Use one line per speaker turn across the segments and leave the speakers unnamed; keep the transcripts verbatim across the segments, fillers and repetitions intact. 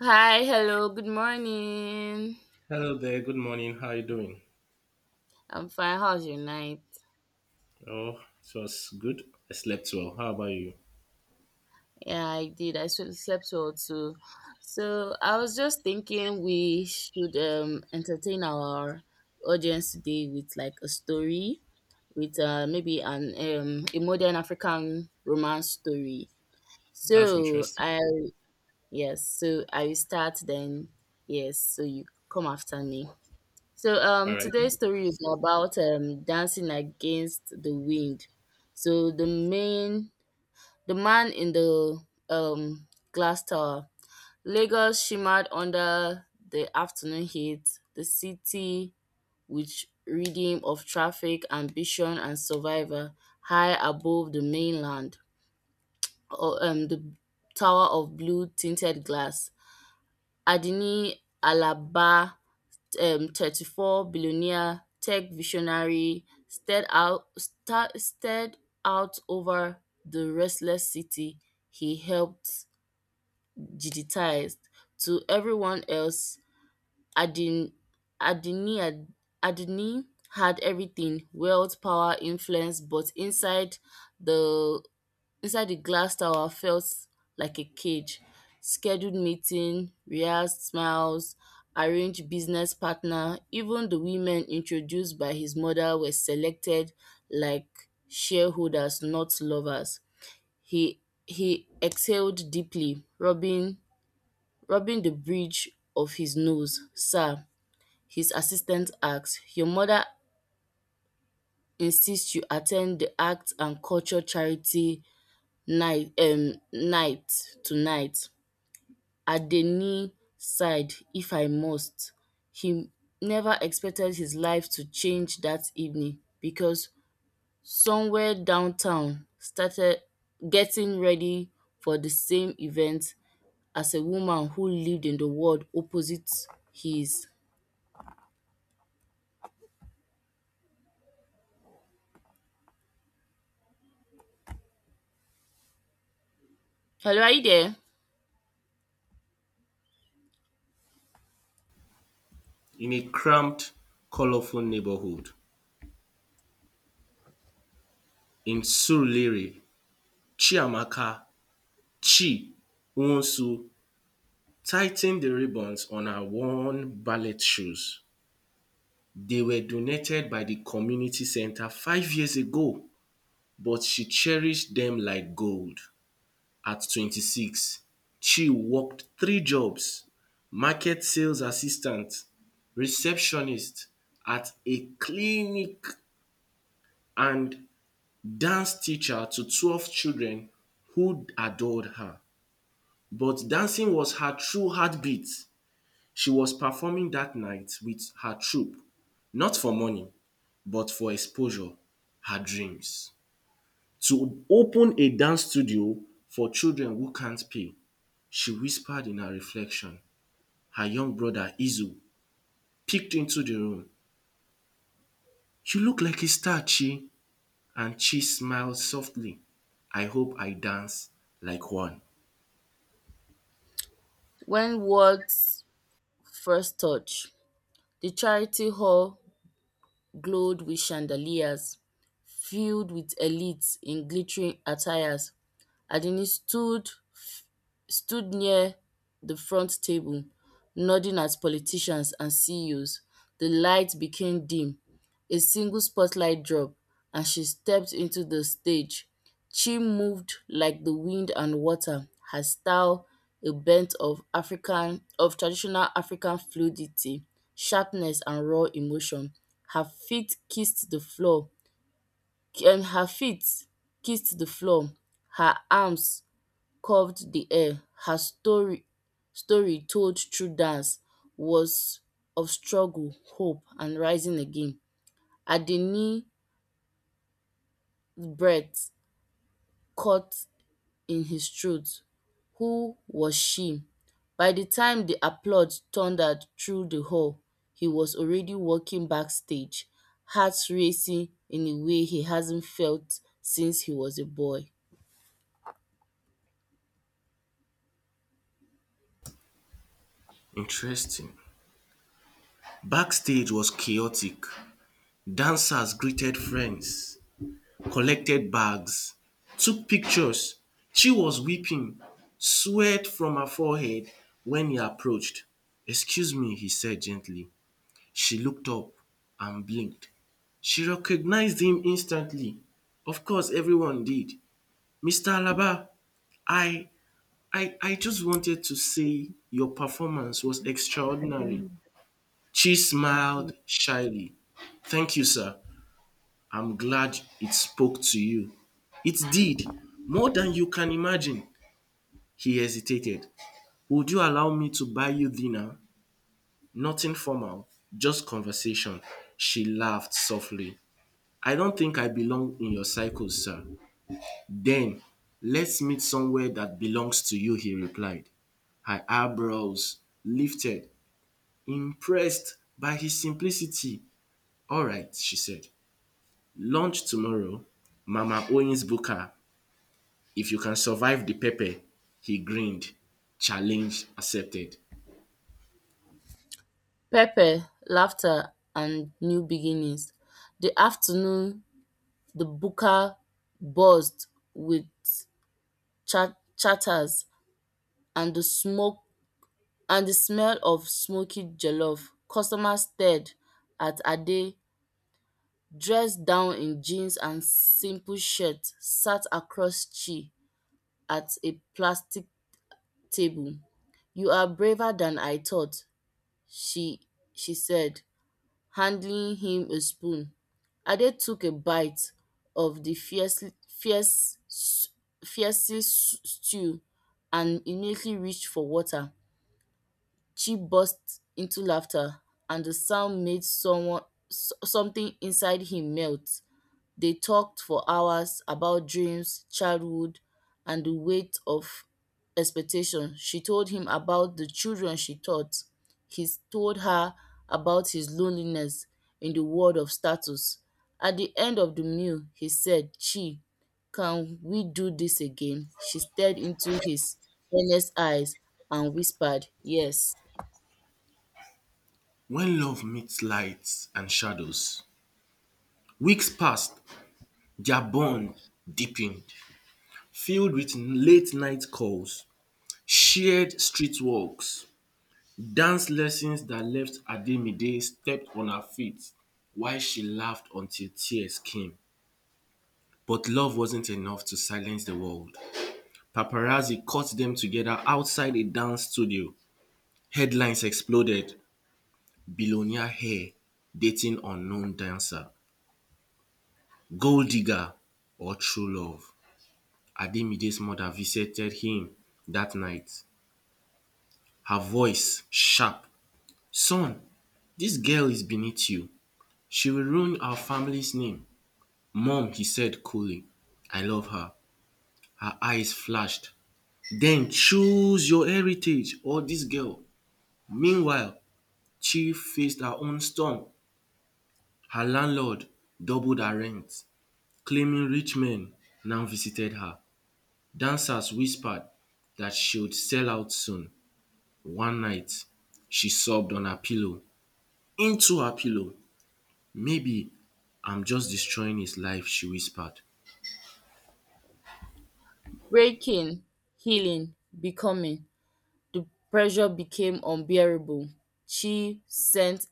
Hi, hello, good morning.
Hello there. Good morning. How are you doing?
I'm fine. How's your night?
Oh, it was good. I slept well. How about you?
Yeah, I did. I sl- slept well too. So I was just thinking we should um entertain our audience today with like a story with uh maybe an um a modern African romance story.
That's
So
interesting.
I Yes, so I will start then. Yes, so you come after me. So
All
um
right.
today's story is about um dancing against the wind. So the main the man in the um glass tower. Lagos shimmered under the afternoon heat, the city which rhythm of traffic, ambition and survival high above the mainland. Or, um the tower of blue tinted glass. Adini Alaba um thirty-four billionaire tech visionary stared out star stared out over the restless city he helped digitize. To everyone else, Adin Adini had- Adini had everything: wealth, power, influence, but inside the inside the glass tower felt like a cage. Scheduled meeting, rehearsed smiles, arranged business partner, even the women introduced by his mother were selected like shareholders, not lovers. He he exhaled deeply, rubbing rubbing the bridge of his nose. Sir, his assistant asked, your mother insists you attend the arts and culture charity night um night tonight. Adeni sighed, if I must. He never expected his life to change that evening because somewhere downtown started getting ready for the same event as a woman who lived in the world opposite his. Hello, are you there?
In a cramped, colorful neighborhood in Surulere, Chiamaka Chi Wonsu tightened the ribbons on her worn ballet shoes. They were donated by the community center five years ago, but she cherished them like gold. At twenty-six, Chi worked three jobs: market sales assistant, receptionist at a clinic, and dance teacher to twelve children who adored her. But dancing was her true heartbeat. She was performing that night with her troupe, not for money but for exposure, her dreams. To open a dance studio for children who can't pay, she whispered in her reflection. Her young brother Izu peeked into the room. You look like a star, Chi. And Chi smiled softly. I hope I dance like one.
When words first touch, the charity hall glowed with chandeliers, filled with elites in glittering attires. Adenike stood stood near the front table, nodding at politicians and C E Os. The light became dim. A single spotlight dropped, and she stepped into the stage. She moved like the wind and water, her style a bent of African of traditional African fluidity, sharpness and raw emotion. Her feet kissed the floor, and her feet kissed the floor, her arms curved the air, her story story told through dance was of struggle, hope and rising again. Adeni's breath caught in his throat. Who was she? By the time the applause thundered through the hall, he was already walking backstage, heart racing in a way he hasn't felt since he was a boy.
Interesting. Backstage was chaotic. Dancers greeted friends, collected bags, took pictures. Chi was weeping, sweat from her forehead, when he approached. Excuse me, he said gently. She looked up and blinked. She recognized him instantly. Of course, everyone did. mister Alaba, I, I, I just wanted to say your performance was extraordinary.
Adeni
She
Adeni
smiled shyly. Thank you, sir. I'm glad it spoke to you. It did, more than you can imagine. He hesitated. Would you allow me to buy you dinner? Nothing formal, just conversation. She laughed softly. I don't think I belong in your cycle, sir. Then, let's meet somewhere that belongs to you, he replied. Her eyebrows lifted, impressed by his simplicity. All right, she said. Lunch tomorrow, Mama Owens Booker. If you can survive the pepper, he grinned. Challenge accepted.
pepper, laughter and new beginnings, the afternoon the buka buzzed with cha- chatters and the smoke and the smell of smoky jollof. Customers stared at Ade, dressed down in jeans and simple shirt, sat across Chi at a plastic table. "You are braver than I thought," she she said, handing him a spoon. Ade took a bite of the fiercely fierce fiercely stew and immediately reached for water. Chi burst into laughter, and the sound made someone s- something inside him melt. They talked for hours about dreams, childhood, and the weight of expectation. She told him about the children she taught. He told her about his loneliness in the world of status. At the end of the meal, he said, Chi, can we do this again? She stared into his earnest eyes and whispered, yes.
When love meets lights and shadows, weeks passed, their bond deepened, filled with late night calls, shared street walks, dance lessons that left Ademide stepped on her feet while she laughed until tears came. But love wasn't enough to silence the world. Paparazzi caught them together outside a dance studio. Headlines exploded. Billionaire hair dating unknown dancer. Gold digger or true love. Ademide's mother visited him that night. Her voice sharp. Son, this girl is beneath you. She will ruin our family's name. Mom, he said coolly. I love her. Her eyes flashed. Then choose your heritage or dis girl. Meanwhile, Chi faced her own storm. Her landlord doubled her rent, claiming rich men now visited her. Dancers whispered dat she would sell out soon. One night, she sobbed on her pillow, into her pillow. Maybe I'm just destroying his life, she whispered,
Breaking, healing, becoming. The pressure became unbearable, she sent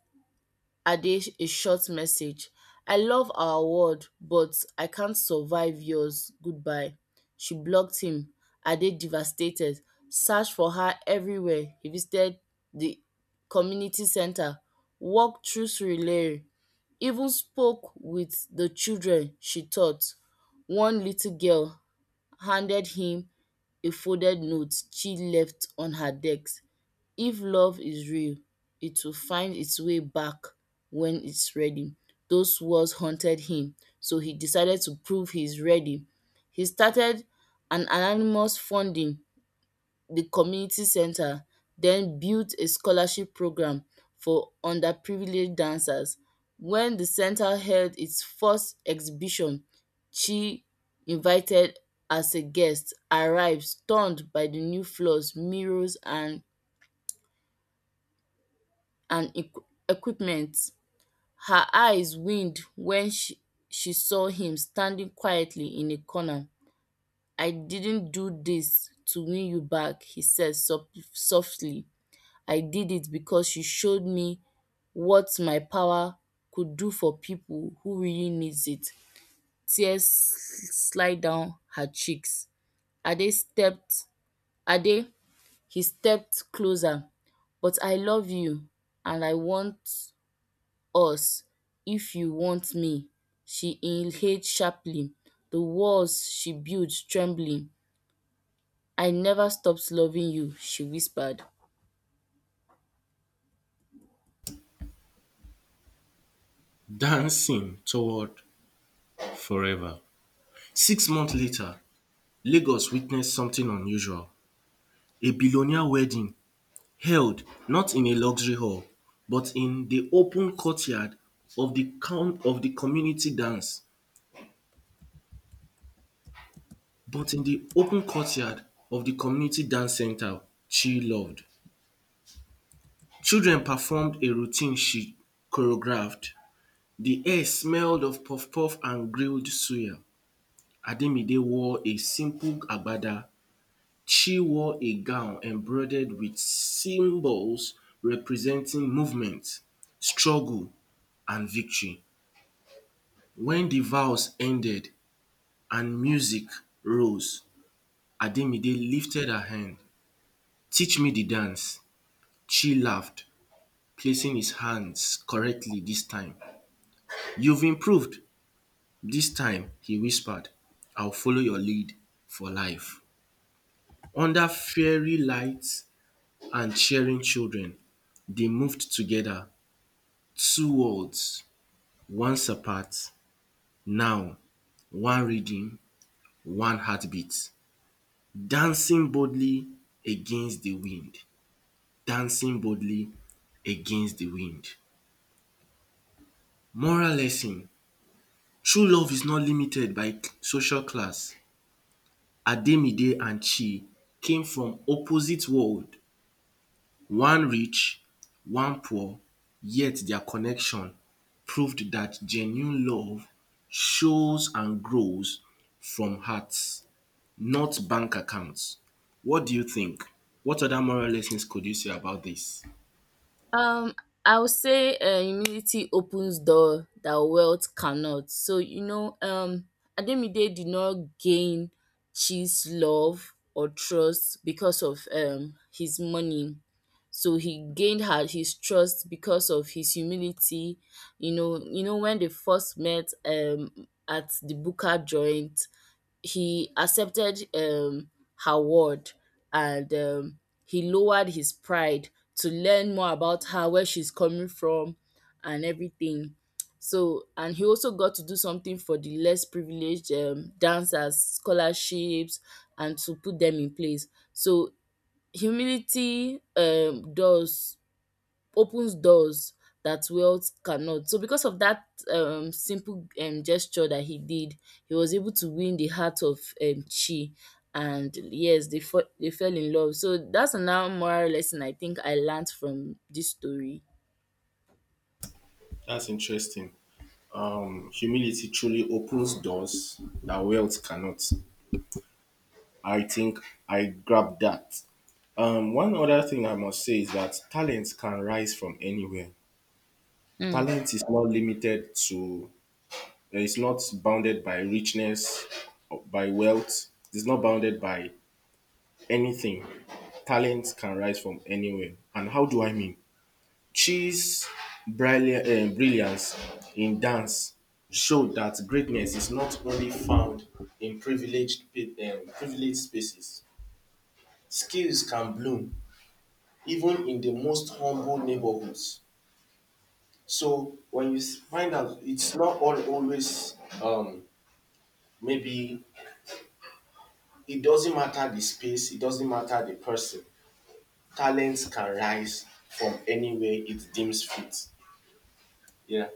Ade a short message: "I love our world but I can't survive yours, goodbye." She blocked him. Ade, devastated, searched for her everywhere, he visited the community center, walked through Surulere, even spoke with the children she taught. One little girl handed him a folded note she left on her desk. If love is real, it will find its way back when it's ready. Those words haunted him, so he decided to prove he's ready. He started an anonymous funding the community center, then built a scholarship program for underprivileged dancers. When the center held its first exhibition, Chi, invited as a guest, arrived stunned by the new floors, mirrors and and equi- equipment. Her eyes widened when she she saw him standing quietly in a corner. "I didn't do this to win you back," he said sof- softly. "I did it because you showed me what my power could do for people who really need it." Tears slid down her cheeks. Ade stepped Ade he stepped closer. "But I love you and I want us if you want me." She inhaled sharply, the walls she built trembling. I never stopped loving you, she whispered.
dancing toward forever. Six months later, Lagos witnessed something unusual. A billionaire wedding held not in a luxury hall but in the open courtyard of the coun of the community dance, but in the open courtyard of the community dance centre she loved. Children performed a routine she choreographed. The air smelled of puff puff and grilled suya. Ademide wore a simple agbada. She wore a gown embroidered with symbols representing movement, struggle and victory. When the vows ended and music rose, Ademide lifted her hand. Teach me the dance. She laughed, placing his hands correctly this time. You've improved. This time, he whispered, I'll follow your lead for life. Under fairy lights and cheering children, they moved together. Two worlds, once apart, now, one rhythm, one heartbeat. Dancing boldly against the wind. Dancing boldly against the wind. Moral lesson, true love is not limited by social class. Ademide and Chi came from opposite worlds, one rich, one poor, yet their connection proved that genuine love shows and grows from hearts, not bank accounts. What do you think? What other moral lessons could you say about this?
Um, I would say uh, humility opens door that wealth cannot. So you know, um, Ademide did not gain Chi's love or trust because of um his money. So he gained her his trust because of his humility. You know, you know when they first met um at the Buka joint, he accepted um, her word and um, he lowered his pride to learn more about her, where she's coming from, and everything. So, and he also got to do something for the less privileged, um, dancers, scholarships, and to put them in place. So, humility um, does opens doors that wealth cannot. So because of that um, simple um, gesture that he did, he was able to win the heart of um, Chi. And yes, they fo- they fell in love. So that's another moral lesson I think I learned from this story.
That's interesting. Um, humility truly opens doors that wealth cannot. I think I grabbed that. Um, one other thing I must say is that talent can rise from anywhere.
Hmm.
Talent is not limited to, it's not bounded by richness, or by wealth, it's not bounded by anything. Talent can rise from anywhere. And how do I mean? Chi's brilliant, um, brilliance in dance showed that greatness is not only found in privileged, pe- um, privileged spaces. Skills can bloom even in the most humble neighborhoods. So when you s- find out, it's not all always, um, maybe it doesn't matter the space, it doesn't matter the person. Talents can rise from anywhere it deems fit. Yeah.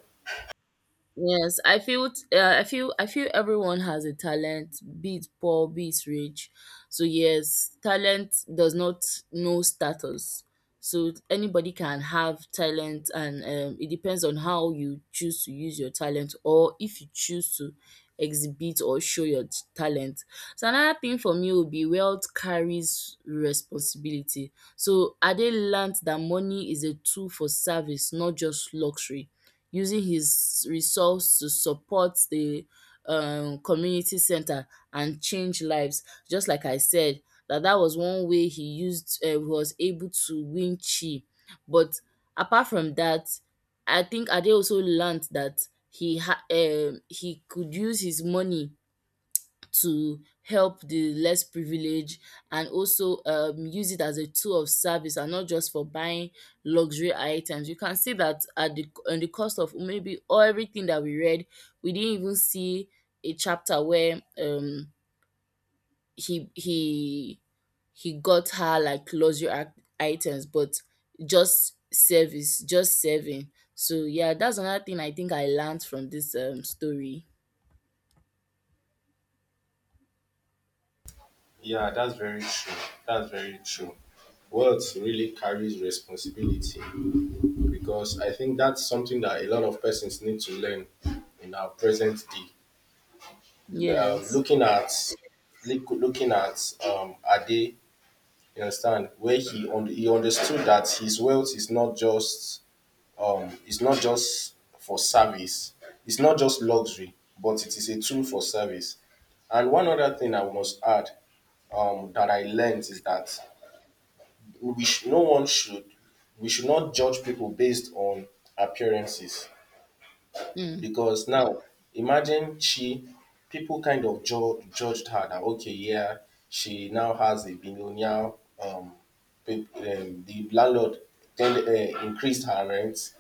Yes, I feel t- uh, I feel I feel everyone has a talent, be it poor, be it rich. So yes, talent does not know status. So anybody can have talent, and um, it depends on how you choose to use your talent, or if you choose to exhibit or show your t- talent. So another thing for me would be wealth carries responsibility. So Ade learned that money is a tool for service, not just luxury, using his resource to support the um, community center and change lives. Just like I said, that that was one way he used, uh, was able to win Chi. But apart from that, I think Ade also learned that he ha- um he could use his money to help the less privileged and also um, use it as a tool of service and not just for buying luxury items. You can see that at the on the cost of maybe all everything that we read, we didn't even see a chapter where um he he he got her like luxury ac- items, but just service, just serving. So yeah, that's another thing I think I learned from this um story.
Yeah, that's very true. That's very true. Wealth really carries responsibility because I think that's something that a lot of persons need to learn in our present day. Um,
Yes.
looking at look- looking at um, Ade, you understand where he un- he understood that his wealth is not just, um it's not just for service, it's not just luxury, but it is a tool for service. And one other thing I must add, um, that I learned is that we sh- no one should we should not judge people based on appearances
Mm.
because now imagine she people kind of ju- judged her that okay, yeah, she now has a billionaire, um, pe- um the landlord then uh, increased her rent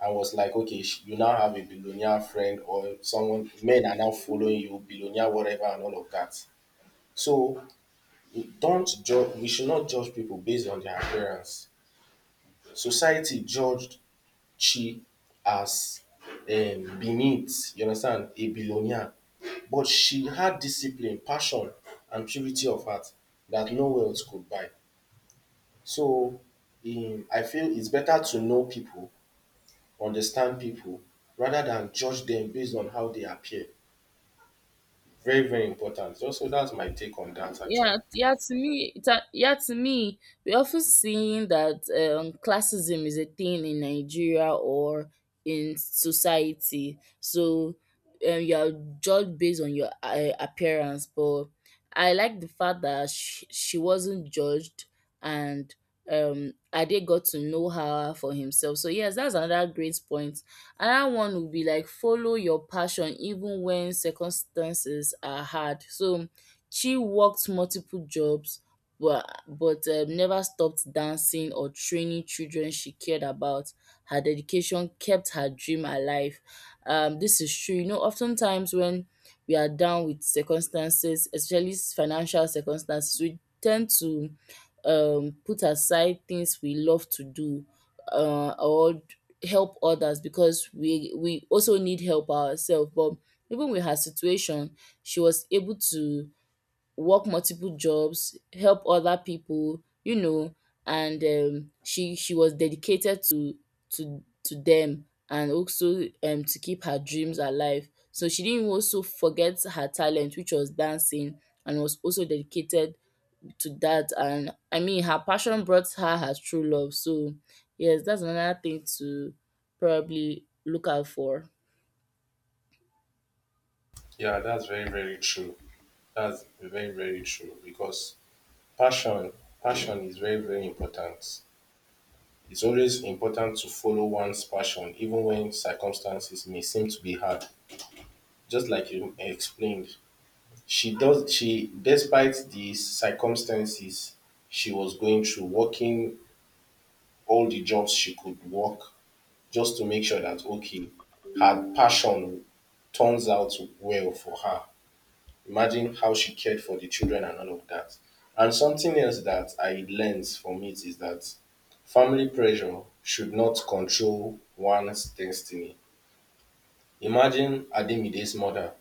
and was like okay, sh, you now have a billionaire friend or someone, men are now following you billionaire whatever and all of that. So don't judge we should not judge people based on their appearance. Society judged Chi as um beneath, you understand, a billionaire. But she had discipline, passion and purity of heart that no wealth could buy. So um I feel it's better to know people, understand people rather than judge them based on how they appear. Very, very important. So so that's my take on dat
Yeah,
actually.
yeah. To me, it's a, yeah. To me, we often seeing that um, classism is a thing in Nigeria or in society. So um, you are judged based on your uh, appearance. But I like the fact that she, she wasn't judged, and um, Ade got to know her for himself. So yes, that's another great point. Another one would be like follow your passion even when circumstances are hard. So she worked multiple jobs but but um, never stopped dancing or training children she cared about. Her dedication kept her dream alive. Um, this is true. You know, oftentimes when we are down with circumstances, especially financial circumstances, we tend to um, put aside things we love to do uh, or help others because we we also need help ourselves. But even with her situation, she was able to work multiple jobs, help other people, you know, and um, she she was dedicated to to to them and also um, to keep her dreams alive. So she didn't also forget her talent, which was dancing, and was also dedicated to that. And I mean, her passion brought her her true love. So yes, that's another thing to probably look out for.
Yeah, that's very, very true. That's very, very true because passion passion is very, very important. It's always important to follow one's passion even when circumstances may seem to be hard. Just like you explained, she does she, despite the circumstances she was going through, working all the jobs she could work just to make sure that okay, her passion turns out well for her. Imagine how she cared for the children and all of that. And something else that I learned from it is that family pressure should not control one's destiny. Imagine Ademide's mother,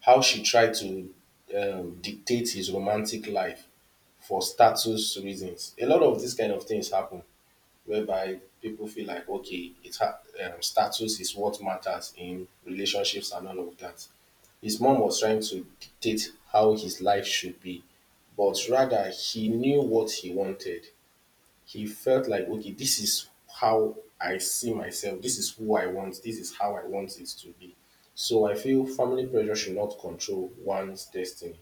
how she tried to um, dictate his romantic life for status reasons. A lot of these kind of things happen whereby people feel like, okay, it's ha- um, status is what matters in relationships and all of that. His mom was trying to dictate how his life should be, but rather he knew what he wanted. He felt like, okay, this is how I see myself. This is who I want. This is how I want it to be. So I feel family pressure should not control one's destiny.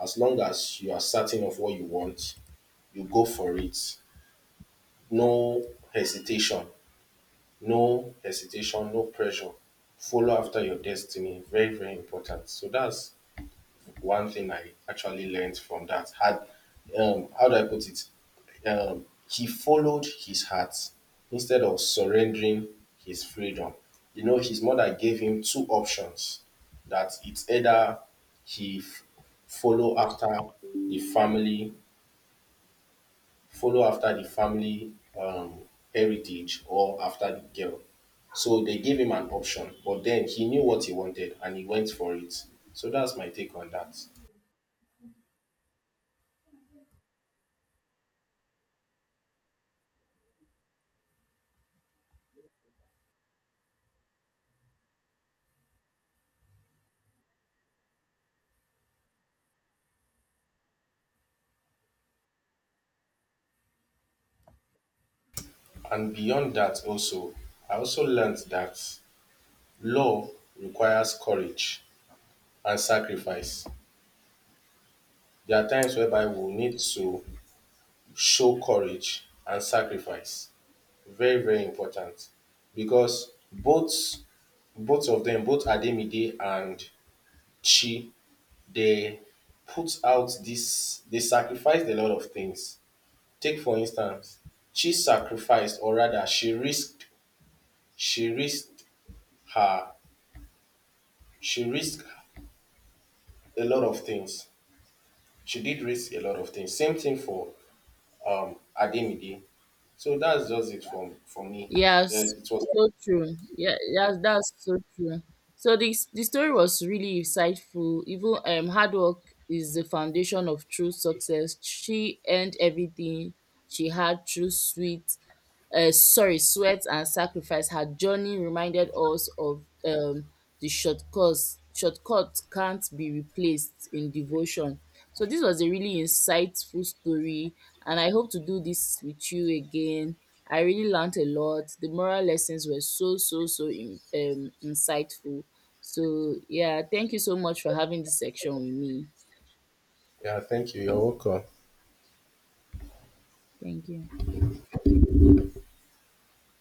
As long as you are certain of what you want, you go for it. No hesitation. No hesitation, no pressure. Follow after your destiny. Very, very important. So that's one thing I actually learned from that had, um how do I put it? Um he followed his heart instead of surrendering his freedom. You know, his mother gave him two options, that it's either he f- follow after the family, follow after the family, um, heritage or after the girl. So they gave him an option, but then he knew what he wanted and he went for it. So that's my take on that. And beyond that also, I also learned that love requires courage and sacrifice. There are times whereby we need to show courage and sacrifice. Very, very important. Because both both of them, both Ademide and Chi, they put out this they sacrificed a lot of things. Take for instance, Chi sacrificed or rather she risked she risked her she risked a lot of things. She did raise a lot of things. Same thing for um Ademide. So that's just it from for me. Yeah,
Yes,
it was
so true. Yeah, yes, that's so true. So this the story was really insightful. Even um hard work is the foundation of true success. She earned everything she had through sweet uh, sorry, sweat and sacrifice, her journey reminded us of um, the shortcuts. Shortcut can't be replaced in devotion. So this was a really insightful story, and I hope to do this with you again. I really learned a lot. The moral lessons were so so so in, um, insightful. So yeah, thank you so much for having this section with me.
yeah, thank you. You're welcome.
Thank you.